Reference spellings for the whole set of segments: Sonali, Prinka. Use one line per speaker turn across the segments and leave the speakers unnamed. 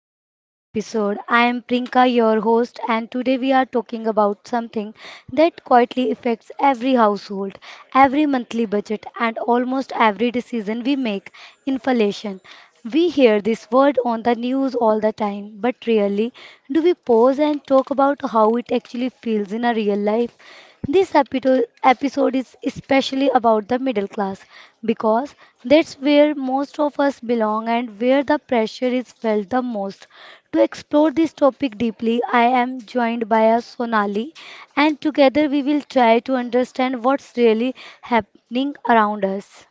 to today's episode. I am Prinka, your host, and today we are talking about something that quietly affects every household, every monthly budget, and almost every decision we make: inflation. We hear this word on the news all the time, but rarely do we pause and talk about how it actually feels in our real life. This episode is especially about the middle class because that's where most of us belong and where the pressure is felt the most. To explore this topic deeply, I am joined by a Sonali, and together we will try to understand what's really happening around us.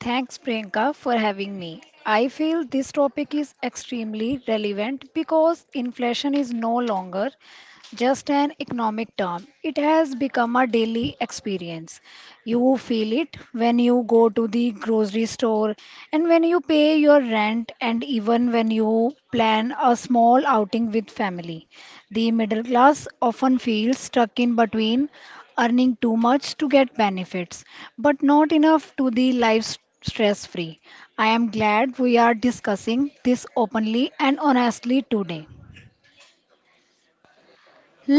Thanks, Priyanka, for having me. I feel this topic is extremely relevant because inflation is no longer just an economic term, it has become a daily experience. You feel it when you go to the grocery store and when you pay your rent, and even when you plan a small outing with family. The middle class often feels stuck in between earning too much to get benefits, but not enough to the life stress free. I am glad we are discussing this openly and honestly today.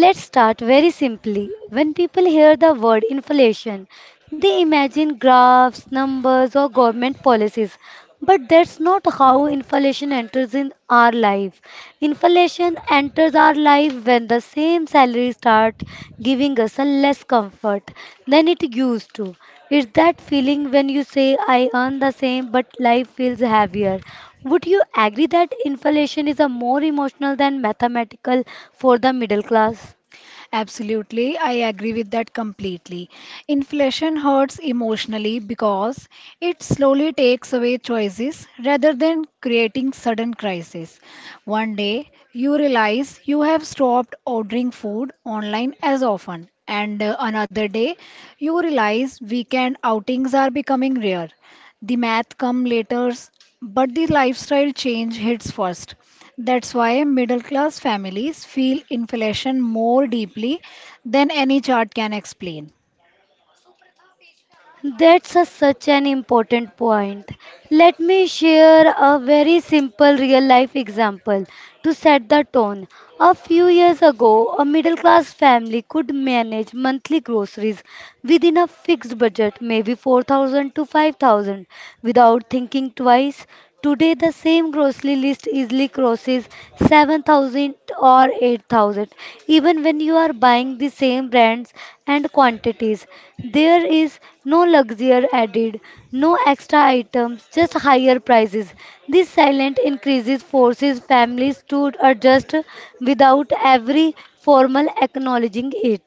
Let's start very simply. When people hear the word inflation, they imagine graphs, numbers, or government policies. But that's not how inflation enters in our life. Inflation enters our life when the same salary starts giving us a less comfort than it used to. It's that feeling when you say, I earn the same, but life feels heavier. Would you agree that inflation is a more emotional than mathematical for the middle class?
Absolutely, I agree with that completely. Inflation hurts emotionally because it slowly takes away choices rather than creating sudden crisis. One day, you realize you have stopped ordering food online as often, and another day, you realize weekend outings are becoming rare. The math come later, but the lifestyle change hits first. That's why middle class families feel inflation more deeply than any chart can explain.
Such an important point. Let me share a very simple real life example to set the tone. A few years ago, a middle class family could manage monthly groceries within a fixed budget, maybe 4,000 to 5,000, without thinking twice. Today, the same grocery list easily crosses 7,000 or 8,000. Even when you are buying the same brands and quantities, there is no luxury added, no extra items, just higher prices. This silent increases forces families to adjust without every formal acknowledging it.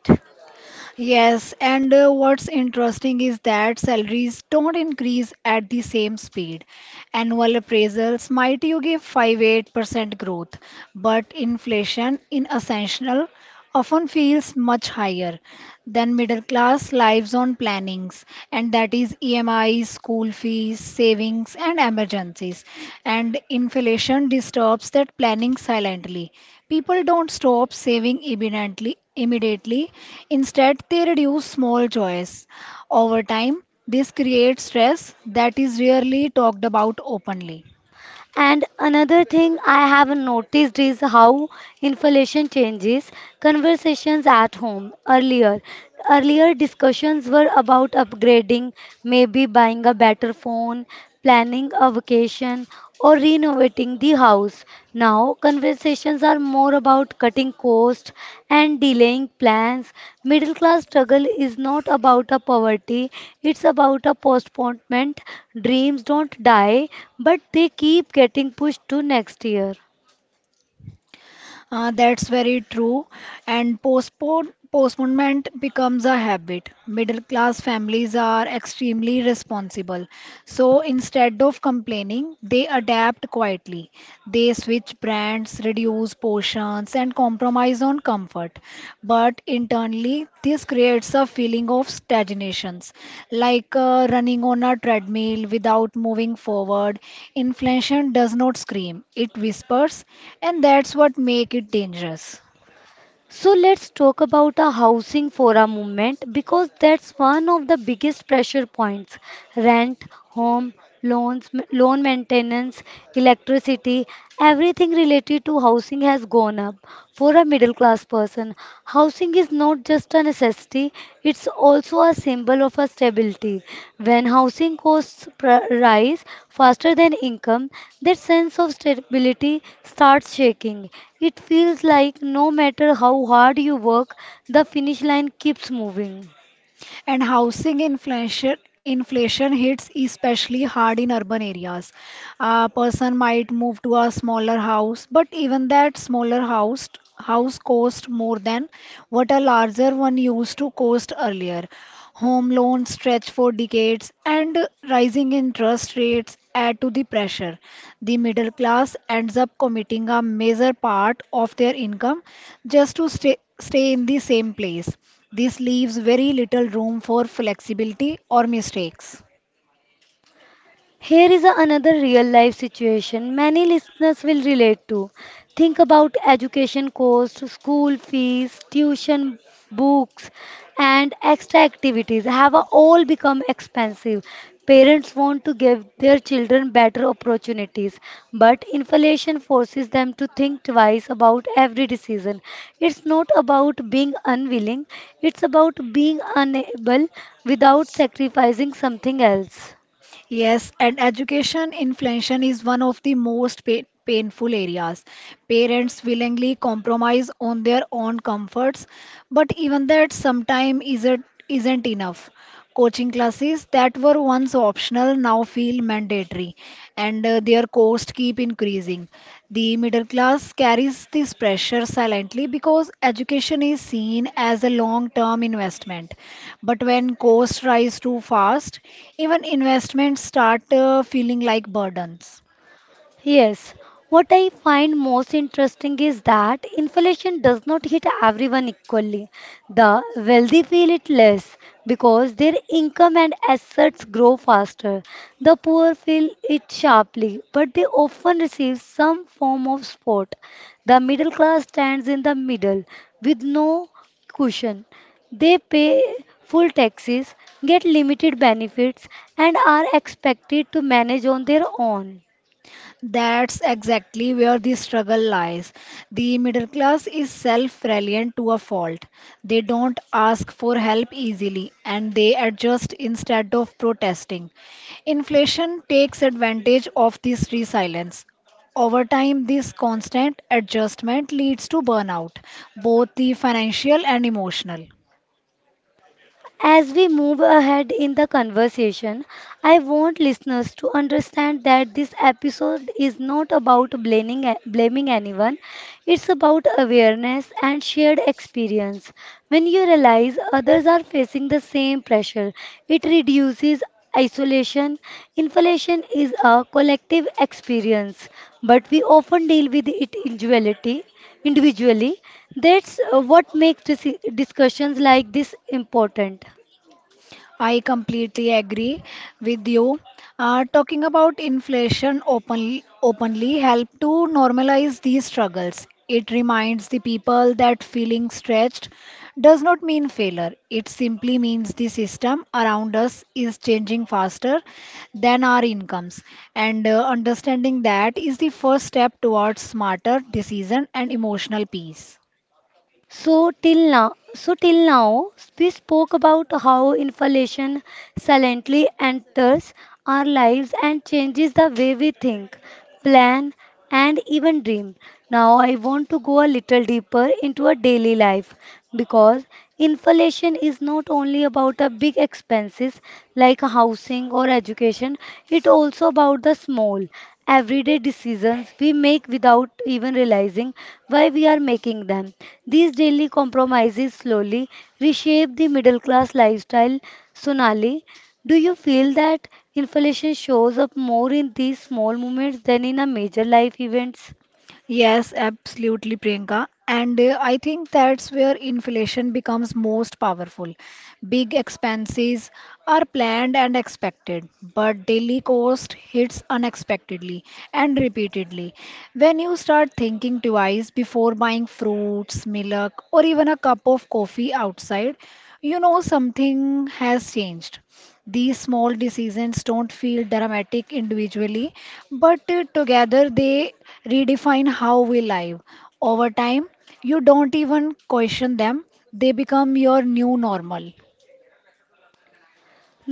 Yes, and what's interesting is that salaries don't increase at the same speed. Annual appraisals might you give 5-8% growth, but inflation in essential often feels much higher than middle class lives on plannings, and that is EMIs, school fees, savings, and emergencies. And inflation disturbs that planning silently. People don't stop saving immediately. Instead, they reduce small joys. Over time, this creates stress that is rarely talked about openly.
And another thing I have noticed is how inflation changes conversations at home. Earlier discussions were about upgrading, maybe buying a better phone, planning a vacation, or renovating the in the house. Now, conversations are more about cutting costs and delaying plans. Middle class struggle is not about a poverty, it's about a postponement. Dreams don't die, but they keep getting pushed to next year.
That's very true. And postponement becomes a habit. Middle class families are extremely responsible. So instead of complaining, they adapt quietly. They switch brands, reduce portions, and compromise on comfort. But internally, this creates a feeling of stagnations, like running on a treadmill without moving forward. Inflation does not scream, it whispers, and that's what makes it dangerous.
So let's talk about the housing for a moment because that's one of the biggest pressure points. Rent, home, loans, loan maintenance, electricity, everything related to housing has gone up. For a middle class person, housing is not not just a necessity, it's also a symbol of a stability. When housing costs rise faster than income, that sense of stability starts shaking. It feels like no matter how hard you work, the finish line keeps moving.
And housing inflation hits especially hard in urban areas. A person might move to a smaller house, but even that smaller house cost more than what a larger one used to cost earlier. Home loans stretch for decades, and rising interest rates add to the pressure. The middle class ends up committing a major part of their income just to stay in the same place. This leaves very little room for flexibility or mistakes.
Here is another real life situation many listeners will relate to. Think about education costs, school fees, tuition, books, and extra activities have all become expensive. Parents want to give their children better opportunities, but inflation forces them to think twice about every decision. It's not about being unwilling, it's about being unable without sacrificing something else.
Yes, and education inflation is one of the most painful areas. Parents willingly compromise on their own comforts, but even that sometimes isn't enough. Coaching classes that were once optional now feel mandatory, and their cost keep increasing. The middle class carries this pressure silently because education is seen as a long term investment. But when costs rise too fast, even investments start feeling like burdens.
Yes, what I find most interesting is that inflation does not hit everyone equally. The wealthy feel it less because their income and assets grow faster. The poor feel it sharply, but they often receive some form of support. The middle class stands in the middle with no cushion. They pay full taxes, get limited benefits, and are expected to manage on their own.
That's exactly where the struggle lies. The middle class is self reliant to a fault. They don't ask for help easily and they adjust instead of protesting. Inflation takes advantage of this resilience. Over time, this constant adjustment leads to burnout, both the financial and emotional.
As we move ahead in the conversation, I want listeners to understand that this episode is not about blaming anyone. It's about awareness and shared experience. When you realize others are facing the same pressure, it reduces isolation. Inflation is a collective experience, but we often deal with it individually. That's what makes discussions like this important.
I completely agree with you. Talking about inflation openly help to normalize these struggles. It reminds the people that feeling stretched does not mean failure. It simply means the system around us is changing faster than our incomes. And understanding that is the first step towards smarter decision and emotional peace.
So till now, we spoke about how inflation silently enters our lives and changes the way we think, plan, and even dream. Now I want to go a little deeper into our daily life because inflation is not only about the big expenses like housing or education, it also about the small everyday decisions we make without even realizing why we are making them. These daily compromises slowly reshape the middle class lifestyle. Sonali, do you feel that inflation shows up more in these small moments than in a major life events?
Yes, absolutely, Priyanka. And I think that's where inflation becomes most powerful. Big expenses are planned and expected, but daily cost hits unexpectedly and repeatedly. When you start thinking twice before buying fruits, milk, or even a cup of coffee outside, you know something has changed. These small decisions don't feel dramatic individually, but together they redefine how we live. Over time, you don't even question them, they become your new normal.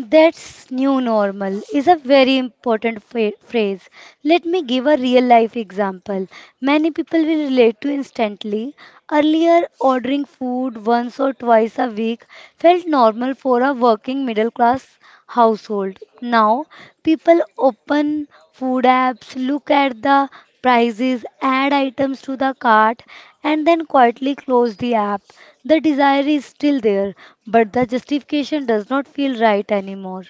That's new normal is a very important phrase. Let me give a real life example. Many people will relate to instantly. Earlier, ordering food once or twice a week felt normal for a working middle class household. Now, people open food apps, look at the prices, add items to the cart, and then quietly close the app. The desire is still there, but the justification does not feel right anymore.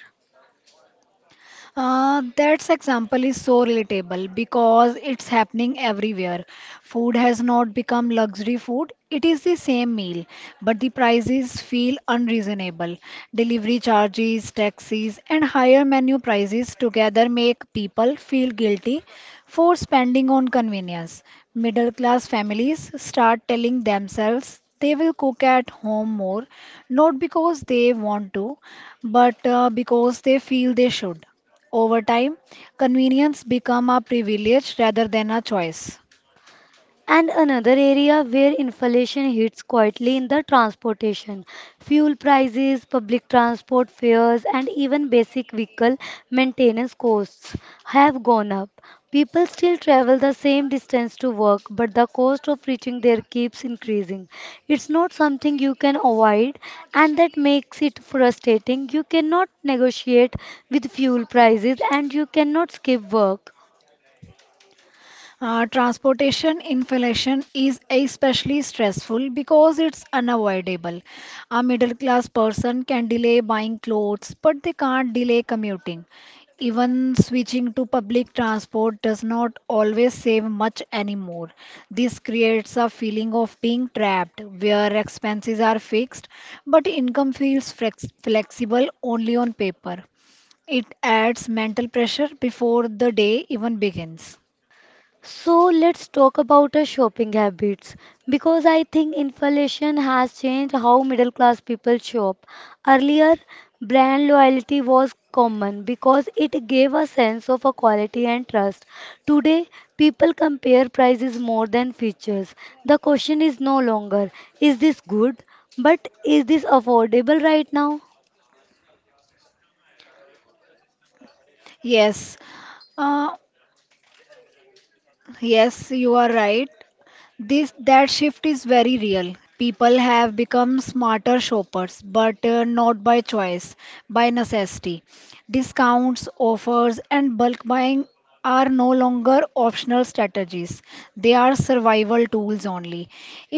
That's example is so relatable because it's happening everywhere. Food has not become luxury food. It is the same meal, but the prices feel unreasonable. Delivery charges, taxes, and higher menu prices together make people feel guilty for spending on convenience. Middle class families start telling themselves they will cook at home more, not because they want to, but because they feel they should. Over time, convenience become a privilege rather than a choice.
And another area where inflation hits quietly in the transportation. Fuel prices, public transport fares, and even basic vehicle maintenance costs have gone up. People still travel the same distance to work, but the cost of reaching there keeps increasing. It's not something you can avoid, and that makes it frustrating. You cannot negotiate with fuel prices, and you cannot skip work.
Transportation inflation is especially stressful because it's unavoidable. A middle class person can delay buying clothes, but they can't delay commuting. Even switching to public transport does not always save much anymore. This creates a feeling of being trapped where expenses are fixed but income feels flexible only on paper. It adds mental pressure before the day even begins.
So let's talk about our shopping habits because I think inflation has changed how middle class people shop. Earlier, brand loyalty was common because it gave a sense of a quality and trust. Today, people compare prices more than features. The question is no longer is this good, but is this affordable right now?
Yes, uh, yes, you are right. This that shift is very real. People have become smarter shoppers, but not by choice, by necessity. Discounts, offers, and bulk buying are no longer optional strategies. They are survival tools only.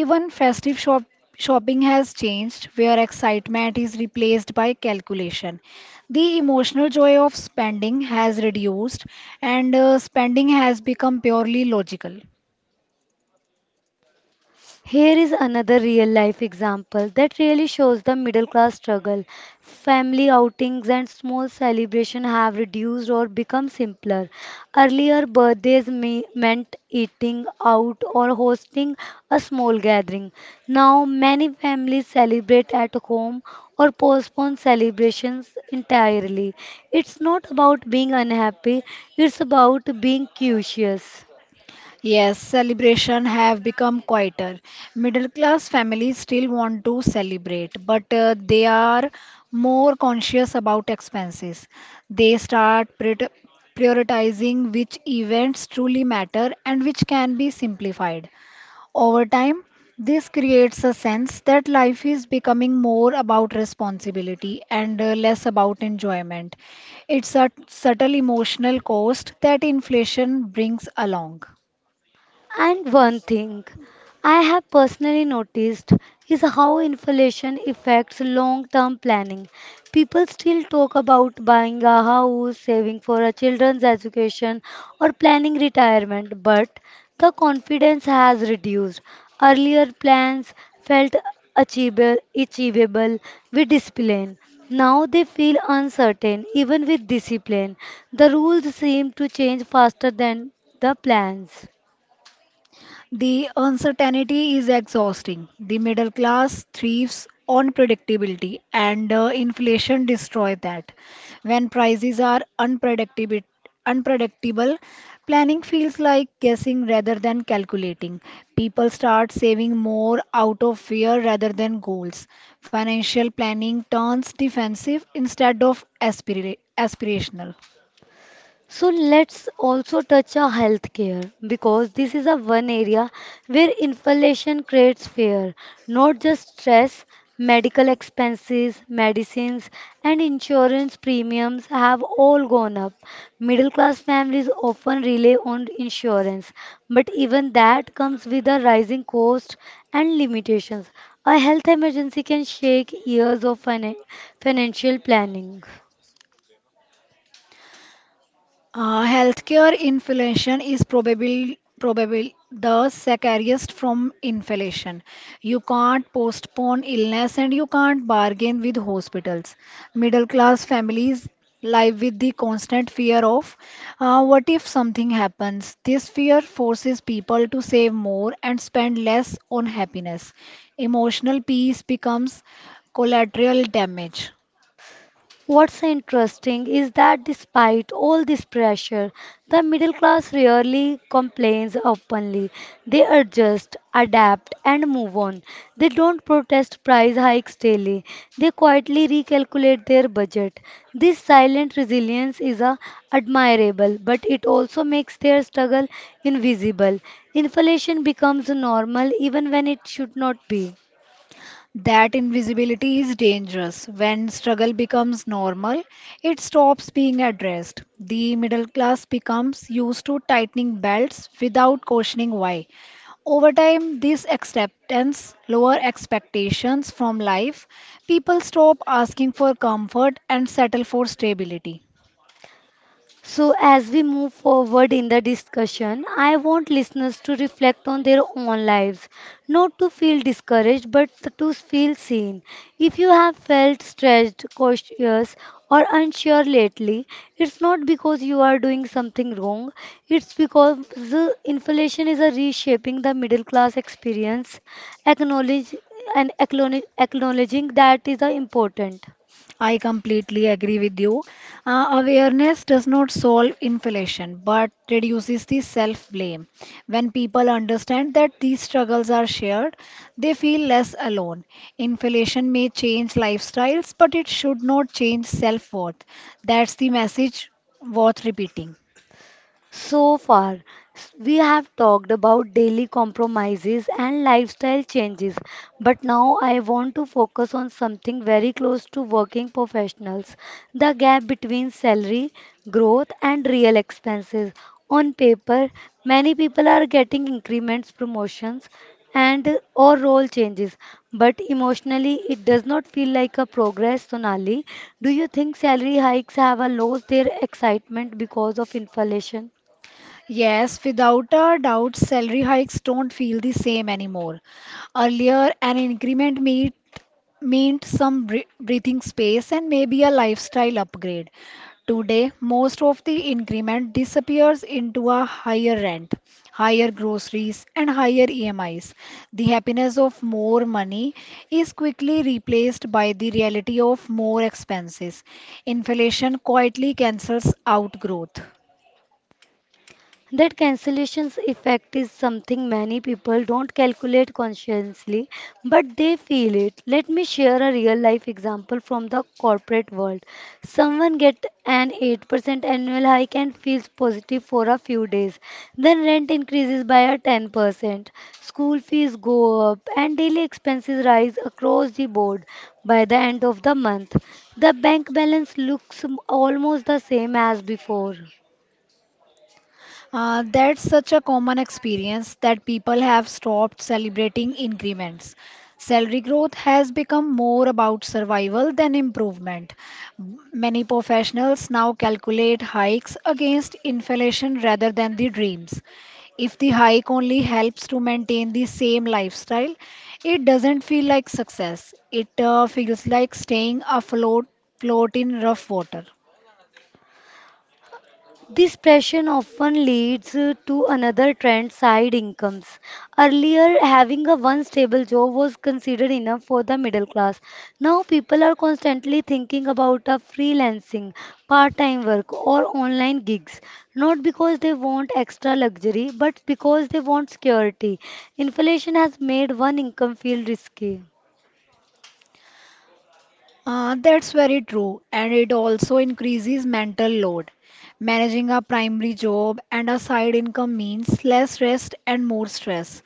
Even festive shopping has changed, where excitement is replaced by calculation. The emotional joy of spending has reduced, and spending has become purely logical.
Here is another real life example that really shows the middle class struggle. Family outings and small celebrations have reduced or become simpler. Earlier, birthdays meant eating out or hosting a small gathering. Now, many families celebrate at home or postpone celebrations entirely. It's not about being unhappy, it's about being curious.
Yes, celebration have become quieter. Middle class families still want to celebrate, but they are more conscious about expenses. They start prioritizing which events truly matter and which can be simplified. Over time, this creates a sense that life is becoming more about responsibility and less about enjoyment. It's a subtle emotional cost that inflation brings along.
And one thing I have personally noticed is how inflation affects long term planning. People still talk about buying a house, saving for a children's education, or planning retirement, but the confidence has reduced. Earlier plans felt achievable with discipline. Now they feel uncertain, even with discipline. The rules seem to change faster than the plans.
The uncertainty is exhausting. The middle class thrives on predictability, and inflation destroys that. When prices are unpredictable, planning feels like guessing rather than calculating. People start saving more out of fear rather than goals. Financial planning turns defensive instead of aspirational.
So let's also touch on healthcare because this is a one area where inflation creates fear, not just stress. Medical expenses, medicines, and insurance premiums have all gone up. Middle class families often rely on insurance, but even that comes with a rising cost and limitations. A health emergency can shake years of financial planning.
Healthcare inflation is probably the scariest from inflation. You can't postpone illness and you can't bargain with hospitals. Middle class families live with the constant fear of what if something happens? This fear forces people to save more and spend less on happiness. Emotional peace becomes collateral damage.
What's interesting is that despite all this pressure, the middle class rarely complains openly. They adjust, adapt, and move on. They don't protest price hikes daily. They quietly recalculate their budget. This silent resilience is a admirable, but it also makes their struggle invisible. Inflation becomes normal even when it should not be.
That invisibility is dangerous. When struggle becomes normal, it stops being addressed. The middle class becomes used to tightening belts without questioning why. Over time, this acceptance, lower expectations from life, people stop asking for comfort and settle for stability.
So, as we move forward in the discussion, I want listeners to reflect on their own lives, not to feel discouraged, but to feel seen. If you have felt stretched, cautious, or unsure lately, it's not because you are doing something wrong, it's because the inflation is a reshaping the middle class experience. Acknowledge Acknowledging that is important.
I completely agree with you. Awareness does not solve inflation but reduces the self blame. When people understand that these struggles are shared, they feel less alone. Inflation may change lifestyles, but it should not change self worth. That's the message worth repeating.
So far, we have talked about daily compromises and lifestyle changes, but now I want to focus on something very close to working professionals: the gap between salary growth and real expenses. On paper, many people are getting increments, promotions, and or role changes, but emotionally it does not feel like a progress. Sonali, do you think salary hikes have lost their excitement because of inflation?
Yes, without a doubt, salary hikes don't feel the same anymore. Earlier, an increment meant some breathing space and maybe a lifestyle upgrade. Today, most of the increment disappears into a higher rent, higher groceries, and higher EMIs. The happiness of more money is quickly replaced by the reality of more expenses. Inflation quietly cancels out growth.
That cancellation's effect is something many people don't calculate consciously, but they feel it. Let me share a real life example from the corporate world. Someone get an 8% annual hike and feels positive for a few days. Then rent increases by a 10%. School fees go up and daily expenses rise across the board by the end of the month. The bank balance looks almost the same as before.
That's such a common experience that people have stopped celebrating increments. Salary growth has become more about survival than improvement. Many professionals now calculate hikes against inflation rather than the dreams. If the hike only helps to maintain the same lifestyle, it doesn't feel like success. It feels like staying afloat float in rough water.
This pressure often leads to another trend side incomes. Earlier, having a one stable job was considered enough for the middle class. Now, people are constantly thinking about a freelancing, part time work, or online gigs, not because they want extra luxury, but because they want security. Inflation has made one income feel risky.
That's very true, and it also increases mental load. Managing a primary job and a side income means less rest and more stress.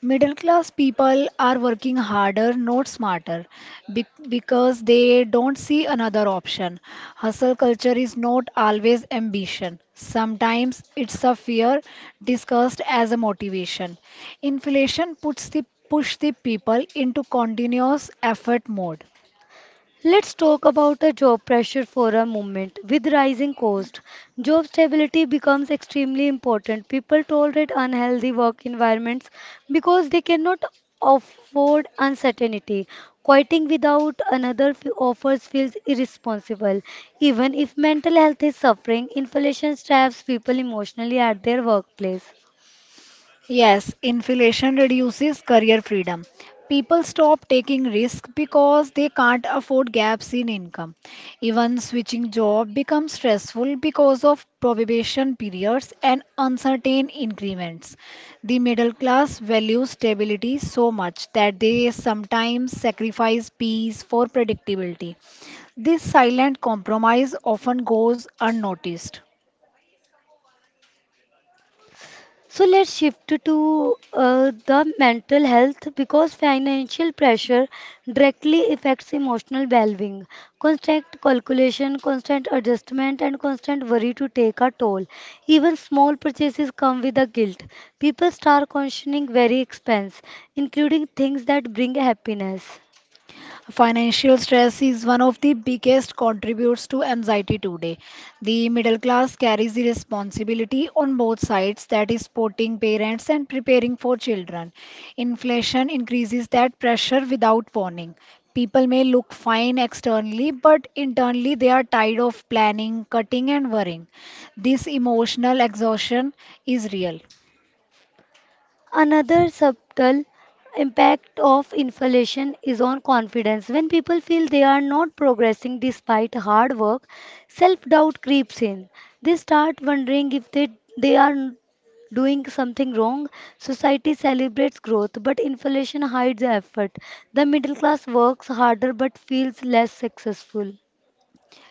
Middle class people are working harder, not smarter, because they don't see another option. Hustle culture is not always ambition. Sometimes it's a fear discussed as a motivation. Inflation puts the push the people into continuous effort mode.
Let's talk about the job pressure for a moment. With rising cost, job stability becomes extremely important. People tolerate unhealthy work environments because they cannot afford uncertainty. Quitting without another offers feels irresponsible. Even if mental health is suffering, inflation traps people emotionally at their workplace.
Yes, inflation reduces career freedom. People stop taking risks because they can't afford gaps in income. Even switching job becomes stressful because of probation periods and uncertain increments. The middle class values stability so much that they sometimes sacrifice peace for predictability. This silent compromise often goes unnoticed.
So let's shift to the mental health because financial pressure directly affects emotional well-being. Constant calculation, constant adjustment, and constant worry to take a toll. Even small purchases come with a guilt. People start questioning very expense, including things that bring happiness.
Financial stress is one of the biggest contributors to anxiety today. The middle class carries the responsibility on both sides, that is, supporting parents and preparing for children. Inflation increases that pressure without warning. People may look fine externally, but internally they are tired of planning, cutting, and worrying. This emotional exhaustion is real.
Another subtle impact of inflation is on confidence. When people feel they are not progressing despite hard work, self doubt creeps in. They start wondering if they, they are doing something wrong. Society celebrates growth, but inflation hides effort. The middle class works harder but feels less successful.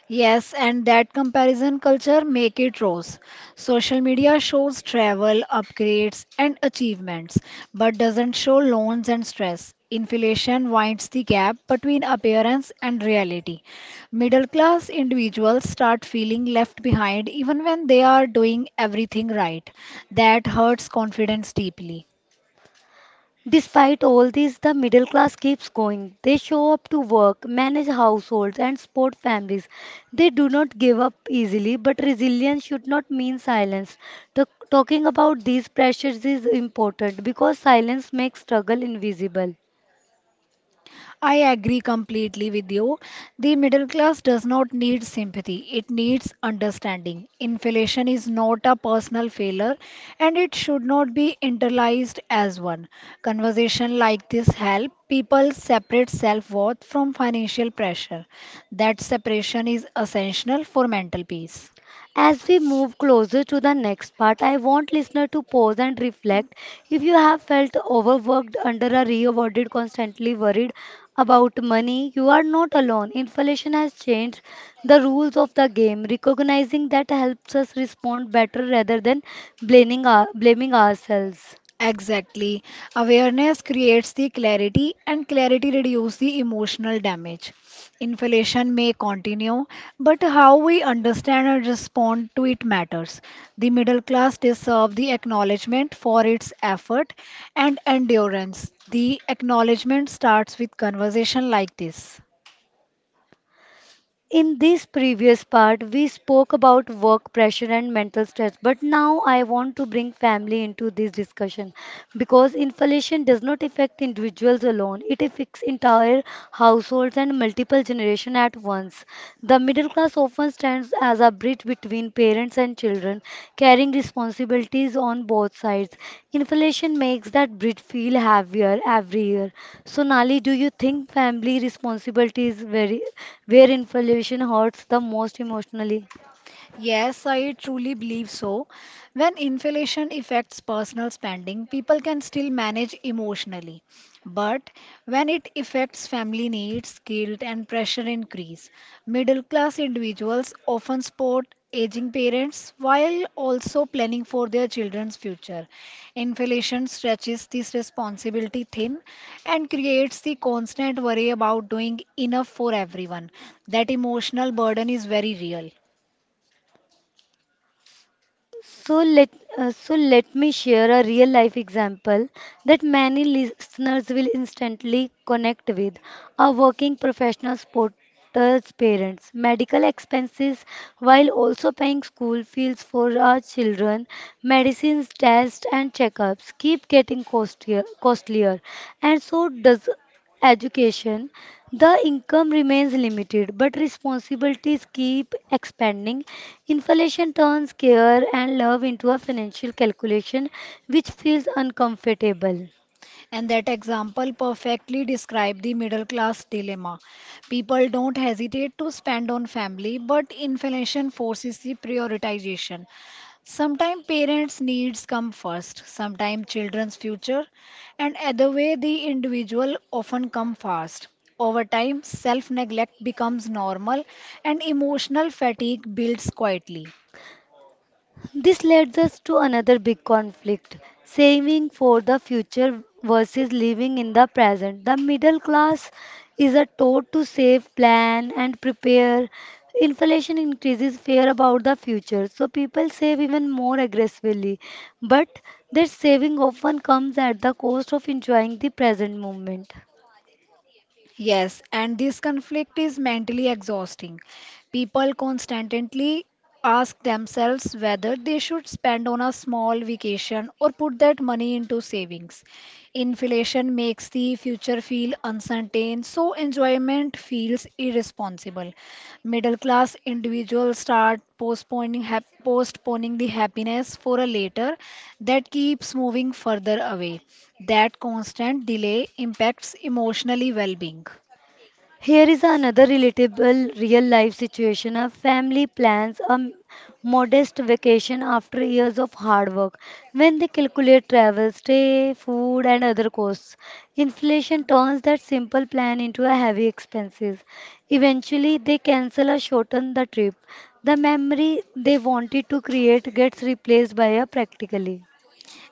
Yes, and that comparison culture make it rose. Social media shows travel, upgrades, and achievements, but doesn't show loans and stress. Inflation winds the gap between appearance and reality. Middle class individuals start feeling left behind even when they are doing everything right. That hurts confidence deeply.
Despite all this, the middle class keeps going. They show up to work, manage households, and support families. They do not give up easily, but resilience should not mean silence. Talking about these pressures is important because silence makes struggle invisible.
I agree completely with you. The middle class does not need sympathy, it needs understanding. Inflation is not a personal failure and it should not be internalized as one. Conversation like this help people separate self-worth from financial pressure. That separation is essential for mental peace.
As we move closer to the next part, I want listener to pause and reflect. If you have felt overworked, under a rewarded, constantly worried about money, you are not alone. Inflation has changed the rules of the game. Recognizing that helps us respond better rather than blaming ourselves.
Exactly. Awareness creates the clarity and clarity reduces the emotional damage. Inflation may continue, but how we understand and respond to it matters. The middle class deserve the acknowledgement for its effort and endurance. The acknowledgement starts with conversation like this.
In this previous part, we spoke about work pressure and mental stress, but now I want to bring family into this discussion because inflation does not affect individuals alone, it affects entire households and multiple generations at once. The middle class Divorce often stands as a bridge between parents and children, carrying responsibilities on both sides. Inflation makes that bridge feel heavier every year. So, Nali, do you think family responsibilities, where inflation hurts the most emotionally?
Yes, I truly believe so. When inflation affects personal spending, people can still manage emotionally. But when it affects family needs, guilt and pressure increase. Middle class individuals often support aging parents while also planning for their children's future. Inflation stretches this responsibility thin and creates the constant worry about doing enough for everyone. That emotional burden is very real.
So let so let me share a real life example that many listeners will instantly connect with. A working professional sporter's parents, medical expenses while also paying school fees for our children, medicines, tests and checkups keep getting costlier, costlier, and so does education, the income remains limited, but responsibilities keep expanding. Inflation turns care and love into a financial calculation which feels uncomfortable.
And that example perfectly describes the middle class dilemma. People don't hesitate to spend on family, but inflation forces the prioritization. Sometimes parents' needs come first, sometimes children's future, and either way, the individual often come first. Over time, self neglect becomes normal and emotional fatigue builds quietly.
This leads us to another big conflict saving for the future versus living in the present. The middle class is a taught to save, plan, and prepare. Inflation increases fear about the future, so people save even more aggressively. But their saving often comes at the cost of enjoying the present moment.
Yes, and this conflict is mentally exhausting. People constantly ask themselves whether they should spend on a small vacation or put that money into savings. Inflation makes the future feel uncertain, so enjoyment feels irresponsible. Middle class individuals start postponing, postponing the happiness for a later that keeps moving further away. That constant delay impacts emotionally well being.
Here is another relatable real life situation. A family plans a modest vacation after years of hard work. When they calculate travel, stay, food, and other costs, inflation turns that simple plan into a heavy expenses. Eventually, they cancel or shorten the trip. The memory they wanted to create gets replaced by a practically.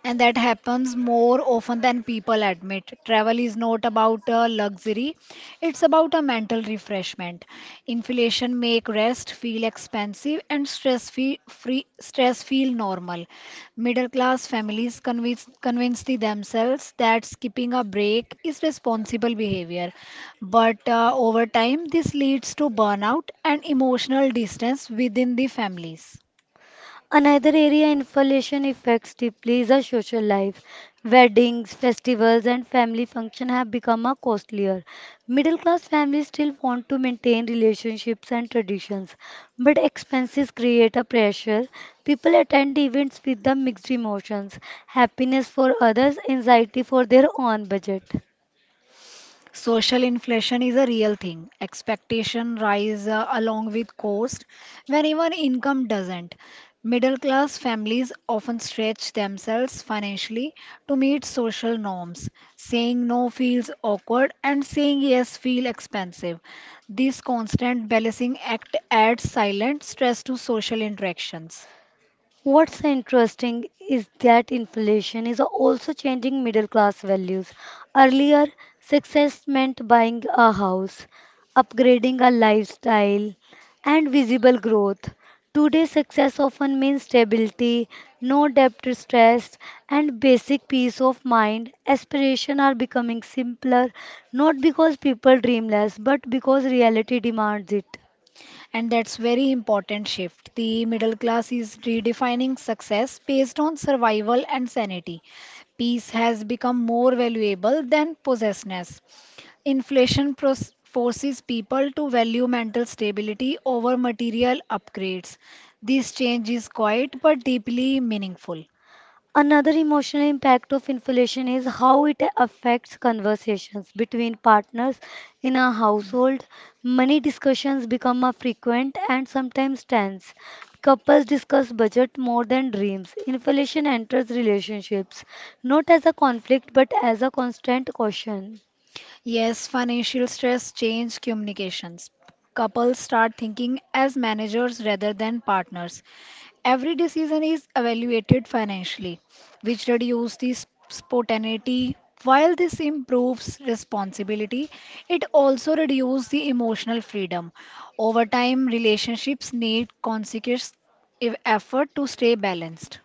And that happens more often than people admit. Travel is not about a luxury, it's about a mental refreshment. Inflation make rest feel expensive and stress feel normal. Middle class families convince the themselves that skipping a break is responsible behavior. But over time this leads to burnout and emotional distance within the families.
Another area inflation affects deeply is our social life. Weddings, festivals, and family functions have become a costlier. Middle class families still want to maintain relationships and traditions, but expenses create a pressure. People attend events with the mixed emotions happiness for others, anxiety for their own budget.
Social inflation is a real thing. Expectation rise along with cost when even income doesn't. Middle class families often stretch themselves financially to meet social norms. Saying no feels awkward and saying yes feels expensive. This constant balancing act adds silent stress to social interactions.
What's interesting is that inflation is also changing middle class values. Earlier, success meant buying a house, upgrading a lifestyle, and visible growth. Today, success often means stability, no debt stress, and basic peace of mind. Aspirations are becoming simpler, not because people dream less, but because reality demands it.
And that's very important shift. The middle class is redefining success based on survival and sanity. Peace has become more valuable than possessiveness. Inflation forces people to value mental stability over material upgrades. This change is quiet but deeply meaningful.
Another emotional impact of inflation is how it affects conversations between partners in a household. Money discussions become a frequent and sometimes tense. Couples discuss budget more than dreams. Inflation enters relationships not as a conflict but as a constant caution.
Yes, financial stress change communications. Couples start thinking as managers rather than partners. Every decision is evaluated financially, which reduces the spontaneity. While this improves responsibility, it also reduces the emotional freedom. Over time, relationships need conscious effort to stay balanced.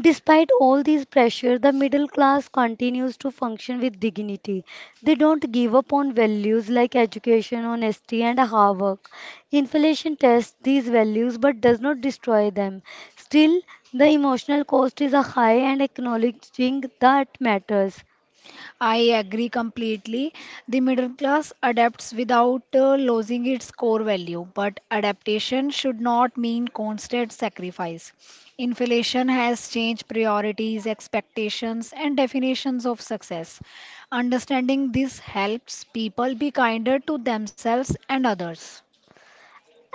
Despite all these pressure, the middle class continues to function with dignity. They don't give up on values like education, honesty, and hard work. Inflation tests these values but does not destroy them. Still, the emotional cost is a high and acknowledging that matters.
I agree completely. The middle class adapts without losing its core value, but adaptation should not mean constant sacrifice. Inflation has changed priorities, expectations, and definitions of success. Understanding this helps people be kinder to themselves and others.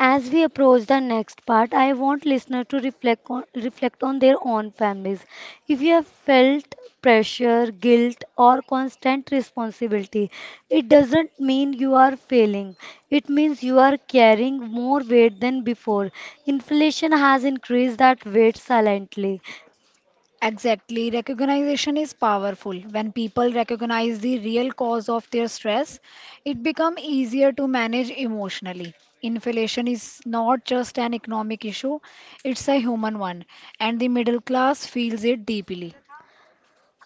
As we approach the next part, I want listeners to reflect on their own families. If you have felt pressure, guilt, or constant responsibility, it doesn't mean you are failing. It means you are carrying more weight than before. Inflation has increased that weight silently.
Exactly. Recognition is powerful. When people recognize the real cause of their stress, it becomes easier to manage emotionally. Inflation is not just an economic issue, it's a human one, and the middle class feels it deeply.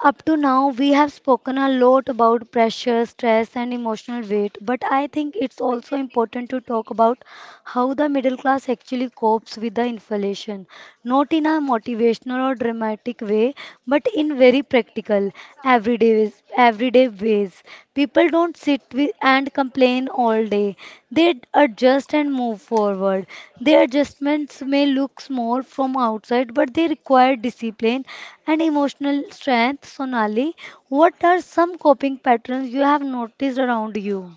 Up to now, we have spoken a lot about pressure, stress, and emotional weight, but I think it's also important to talk about how the middle class actually copes with the inflation. Not in a motivational or dramatic way, but in very practical, everyday positive ways. People don't sit with and complain all day. They adjust and move forward. Their adjustments may look small from outside, but they require discipline and emotional strength. Sonali, what are some coping patterns you have noticed around you?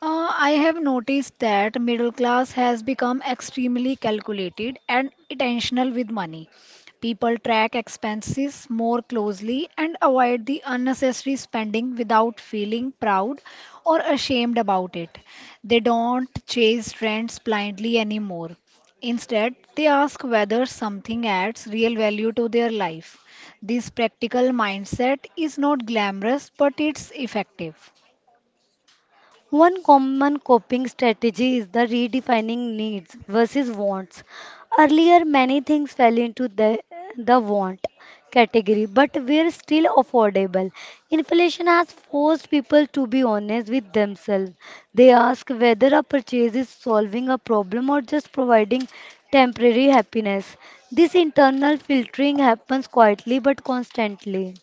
I have noticed that middle class has become extremely calculated and intentional with money. People track expenses more closely and avoid the unnecessary spending without feeling proud or ashamed about it. They don't chase trends blindly anymore. Instead, they ask whether something adds real value to their life. This practical mindset is not glamorous, but it's effective.
One common coping strategy is the redefining needs versus wants. Earlier, many things fell into the want category, but were still affordable. Inflation has forced people to be honest with themselves. They ask whether a purchase is solving a problem or just providing temporary happiness. This internal filtering happens quietly but constantly.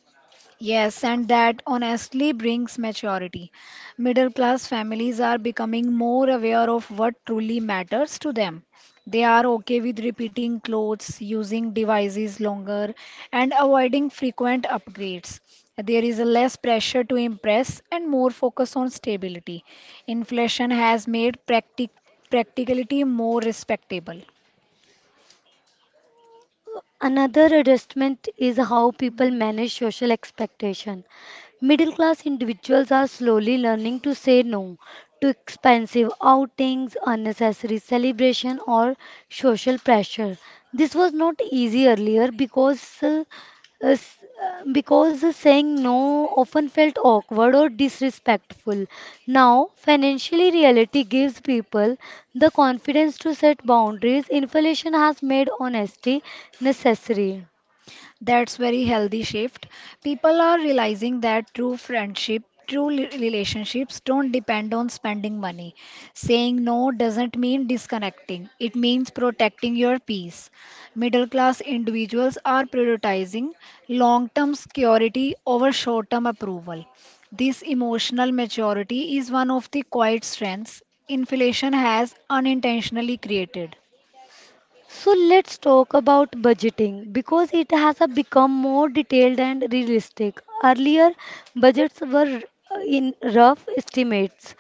Yes, and that honestly brings maturity. Middle class families are becoming more aware of what truly matters to them. They are okay with repeating clothes, using devices longer, and avoiding frequent upgrades. There is a less pressure to impress and more focus on stability. Inflation has made practicality more respectable.
Another adjustment is how people manage social expectation. Middle class individuals are slowly learning to say no to expensive outings, unnecessary celebration, or social pressure. This was not easy earlier because saying no often felt awkward or disrespectful. Now, financially reality gives people the confidence to set boundaries. Inflation has made honesty necessary.
That's very healthy shift. People are realizing that true friendship, relationships don't depend on spending money. Saying no doesn't mean disconnecting. It means protecting your peace. Middle class individuals are prioritizing long-term security over short-term approval. This emotional maturity is one of the quiet strengths inflation has unintentionally created.
So let's talk about budgeting because it has become more detailed and realistic. Earlier, budgets were in rough estimates,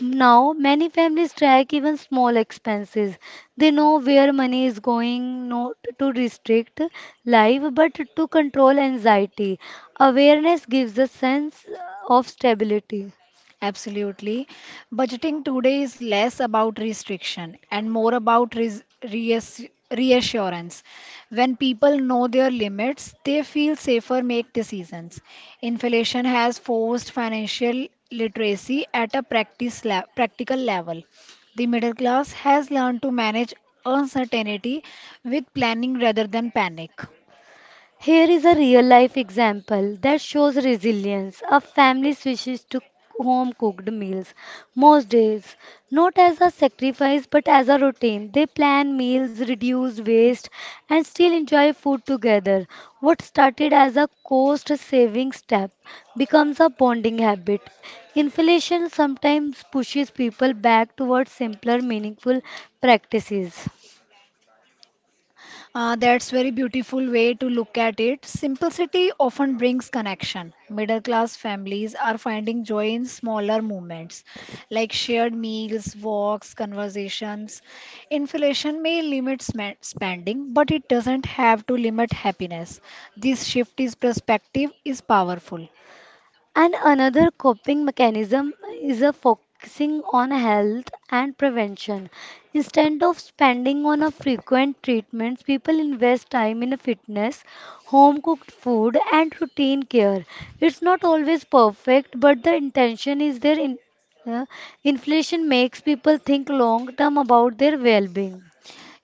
Now, many families track even small expenses. They know where money is going, not to restrict life, but to control anxiety. Awareness gives a sense of stability.
Absolutely. Budgeting today is less about restriction and more about reassurance. When people know their limits, they feel safer make decisions. Inflation has forced financial literacy at a practical level. The middle class has learned to manage uncertainty with planning rather than panic.
Here is a real life example that shows resilience. A family switches to home cooked meals most days, not as a sacrifice but as a routine. They plan meals, reduce waste, and still enjoy food together. What started as a cost saving step becomes a bonding habit. Inflation sometimes pushes people back towards simpler, meaningful practices.
That's very beautiful way to look at it. Simplicity often brings connection. Middle class families are finding joy in smaller moments like shared meals, walks, conversations. Inflation may limit spending, but it doesn't have to limit happiness. This shift in perspective is powerful.
And another coping mechanism is a focusing on health and prevention. Instead of spending on a frequent treatments, people invest time in a fitness, home cooked food and routine care. It's not always perfect, but the intention is there in uh, inflation makes people think long term about their well-being.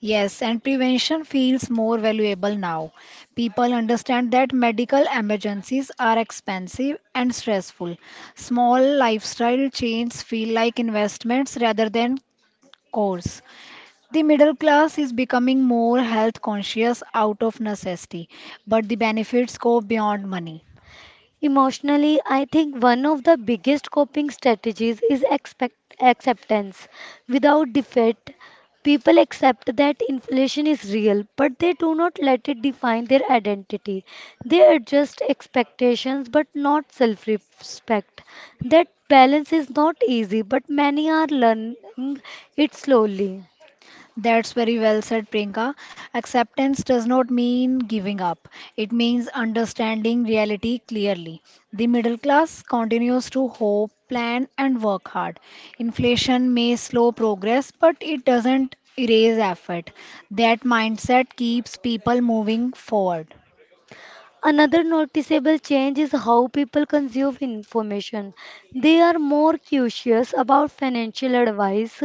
Yes, and prevention feels more valuable now. People understand that medical emergencies are expensive and stressful. Small lifestyle changes feel like investments rather than costs. The middle class is becoming more health conscious out of necessity, but the benefits go beyond money.
Emotionally, I think one of the biggest coping strategies is expect acceptance. Without defeat, people accept that inflation is real, but they do not let it define their identity. They adjust expectations but not self-respect. That balance is not easy, but many are learning it slowly.
That's very well said, Priyanka. Acceptance does not mean giving up, it means understanding reality clearly. The middle class continues to hope, plan, and work hard. Inflation may slow progress, but it doesn't erase effort. That mindset keeps people moving forward.
Another noticeable change is how people consume information. They are more curious about financial advice,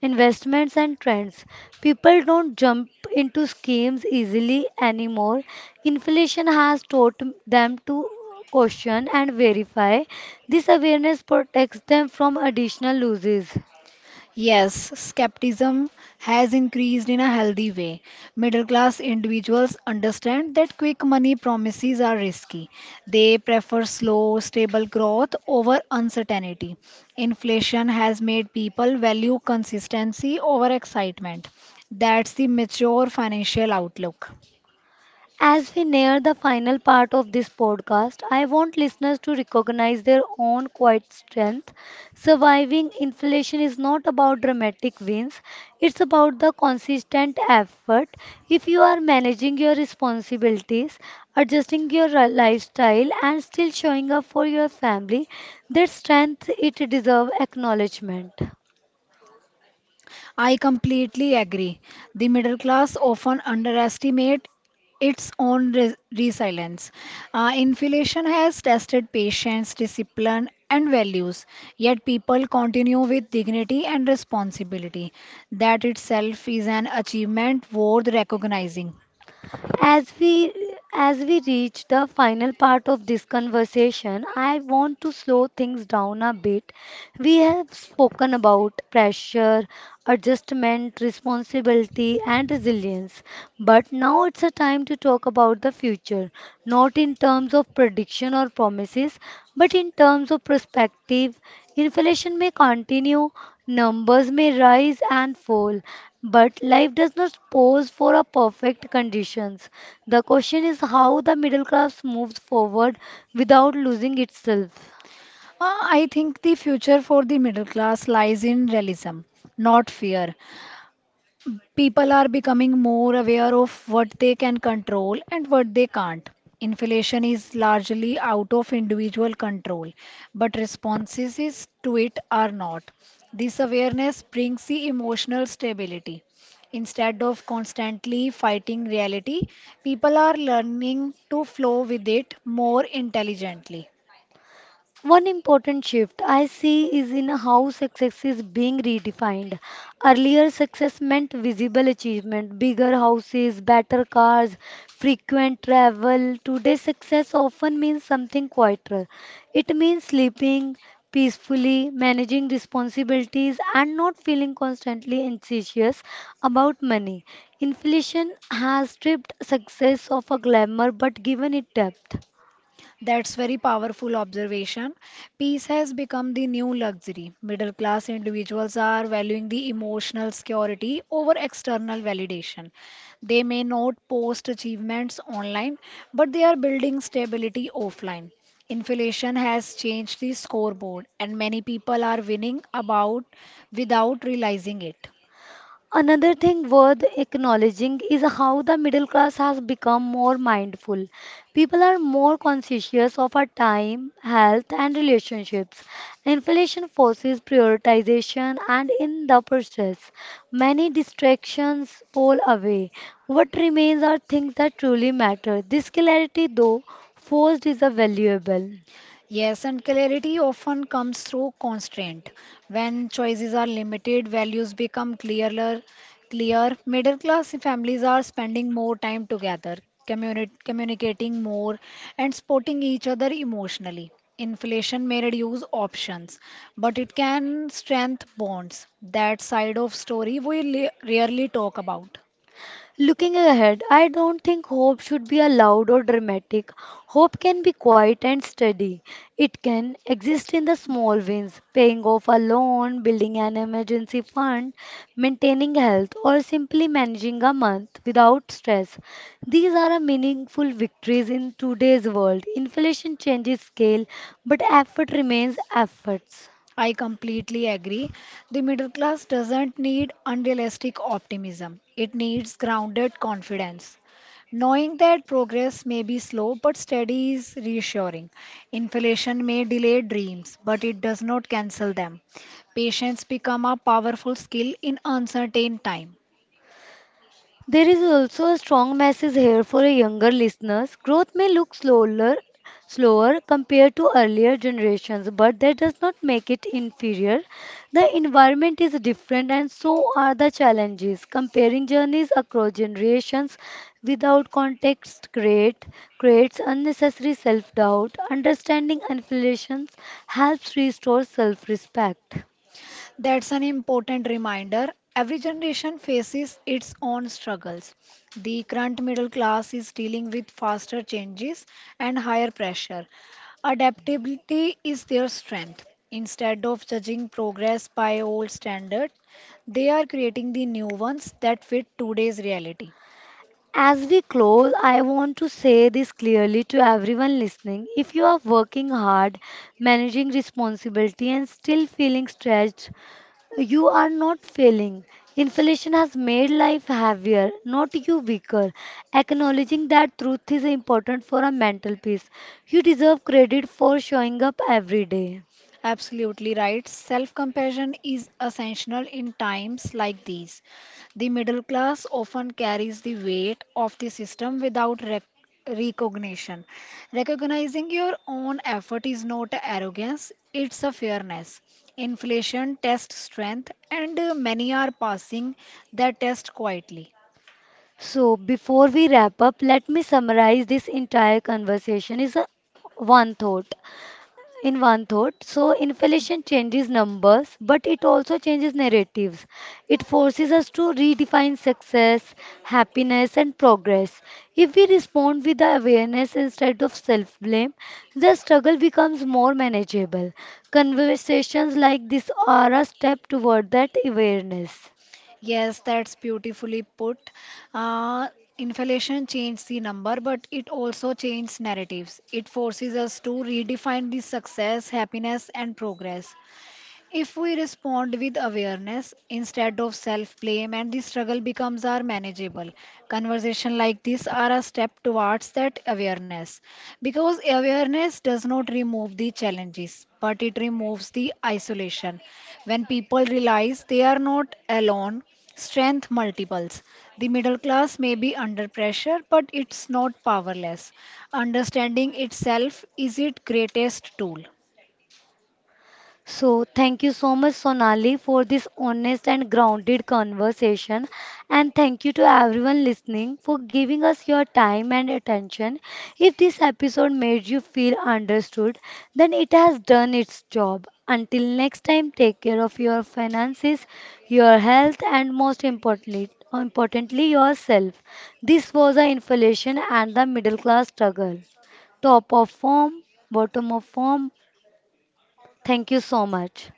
investments, and trends. People don't jump into schemes easily anymore. Inflation has taught them to question and verify. This awareness protects them from additional losses.
Yes, skepticism has increased in a healthy way. Middle class individuals understand that quick money promises are risky. They prefer slow, stable growth over uncertainty. Inflation has made people value consistency over excitement. That's the mature financial outlook.
As we near the final part of this podcast, I want listeners to recognize their own quiet strength. Surviving inflation is not about dramatic wins, it's about the consistent effort. If you are managing your responsibilities, adjusting your lifestyle, and still showing up for your family, that strength it deserves acknowledgement.
I completely agree. The middle class often underestimate its resilience. Inflation has tested patience, discipline, and values, yet people continue with dignity and responsibility. That itself is an achievement worth recognizing.
As we as we reach the final part of this conversation, I want to slow things down a bit. We have spoken about pressure, adjustment, responsibility, and resilience. But now it's a time to talk about the future, not in terms of prediction or promises, but in terms of perspective. Inflation may continue, numbers may rise and fall, but life does not pose for a perfect conditions. The question is how the middle class moves forward without losing itself.
I think the future for the middle class lies in realism, not fear. People are becoming more aware of what they can control and what they can't. Inflation is largely out of individual control, but to it are not. This awareness brings the emotional stability. Instead of constantly fighting reality, people are learning to flow with it more intelligently.
One important shift I see is in how success is being redefined. Earlier, success meant visible achievement, bigger houses, better cars, frequent travel. Today, success often means something quieter. It means sleeping peacefully, managing responsibilities, and not feeling constantly anxious about money. Inflation has stripped success of a glamour but given it depth.
That's very powerful observation. Peace has become the new luxury. Middle class individuals are valuing the emotional security over external validation. They may not post achievements online, but they are building stability offline. Inflation has changed the scoreboard, and many people are winning about without realizing it.
Another thing worth acknowledging is how the middle class has become more mindful. People are more conscientious of our time, health, and relationships. Inflation forces prioritization, and in the process, many distractions fall away. What remains are things that truly matter. This clarity, though forced, is a valuable.
Yes, and clarity often comes through constraint. When choices are limited, values become clear. Middle class families are spending more time together, communicating more, and supporting each other emotionally. Inflation may reduce options, but it can strengthen bonds. That side of story we rarely talk about.
Looking ahead, I don't think hope should be loud or dramatic. Hope can be quiet and steady. It can exist in the small wins, paying off a loan, building an emergency fund, maintaining health, or simply managing a month without stress. These are a meaningful victories in today's world. Inflation changes scale, but effort remains efforts.
I completely agree. The middle class doesn't need unrealistic optimism, it needs grounded confidence. Knowing that progress may be slow but steady is reassuring. Inflation may delay dreams, but it does not cancel them. Patience become a powerful skill in uncertain time.
There is also a strong message here for a younger listeners. Growth may look slower, slower compared to earlier generations, but that does not make it inferior. The environment is different and so are the challenges. Comparing journeys across generations without creates unnecessary self-doubt. Understanding inflations helps restore self-respect.
That's an important reminder. Every generation faces its own struggles. The current middle class is dealing with faster changes and higher pressure. Adaptability is their strength. Instead of judging progress by old standards, they are creating the new ones that fit today's reality.
As we close, I want to say this clearly to everyone listening. If you are working hard, managing responsibility, and still feeling stretched, you are not failing. Inflation has made life heavier, not you weaker. Acknowledging that truth is important for a mental peace. You deserve credit for showing up every day.
Absolutely right. Self compassion is essential in times like these. The middle class often carries the weight of the system without recognition. Recognizing your own effort is not arrogance, it's a fairness. Inflation tests strength, and many are passing their test quietly.
So, before we wrap up, let me summarize this entire conversation is a one thought. In one thought. So inflation changes numbers, but it also changes narratives. It forces us to redefine success, happiness, and progress. If we respond with the awareness instead of self blame, the struggle becomes more manageable. Conversations like this are a step toward that awareness.
Yes, that's beautifully put. Uh, Inflation changed the number, but it also changed narratives. It forces us to redefine the success, happiness, and progress. If we respond with awareness instead of self blame and the struggle becomes our manageable, conversation like this are a step towards that awareness. Because awareness does not remove the challenges, but it removes the isolation. When people realize they are not alone, strength multiples. The middle class may be under pressure, but it's not powerless. Understanding itself is its greatest tool.
So, thank you so much, Sonali, for this honest and grounded conversation. And thank you to everyone listening for giving us your time and attention. If this episode made you feel understood, then it has done its job. Until next time, take care of your finances, your health, and most importantly yourself. This was the inflation and the middle class struggle. Top of form, bottom of form. Thank you so much.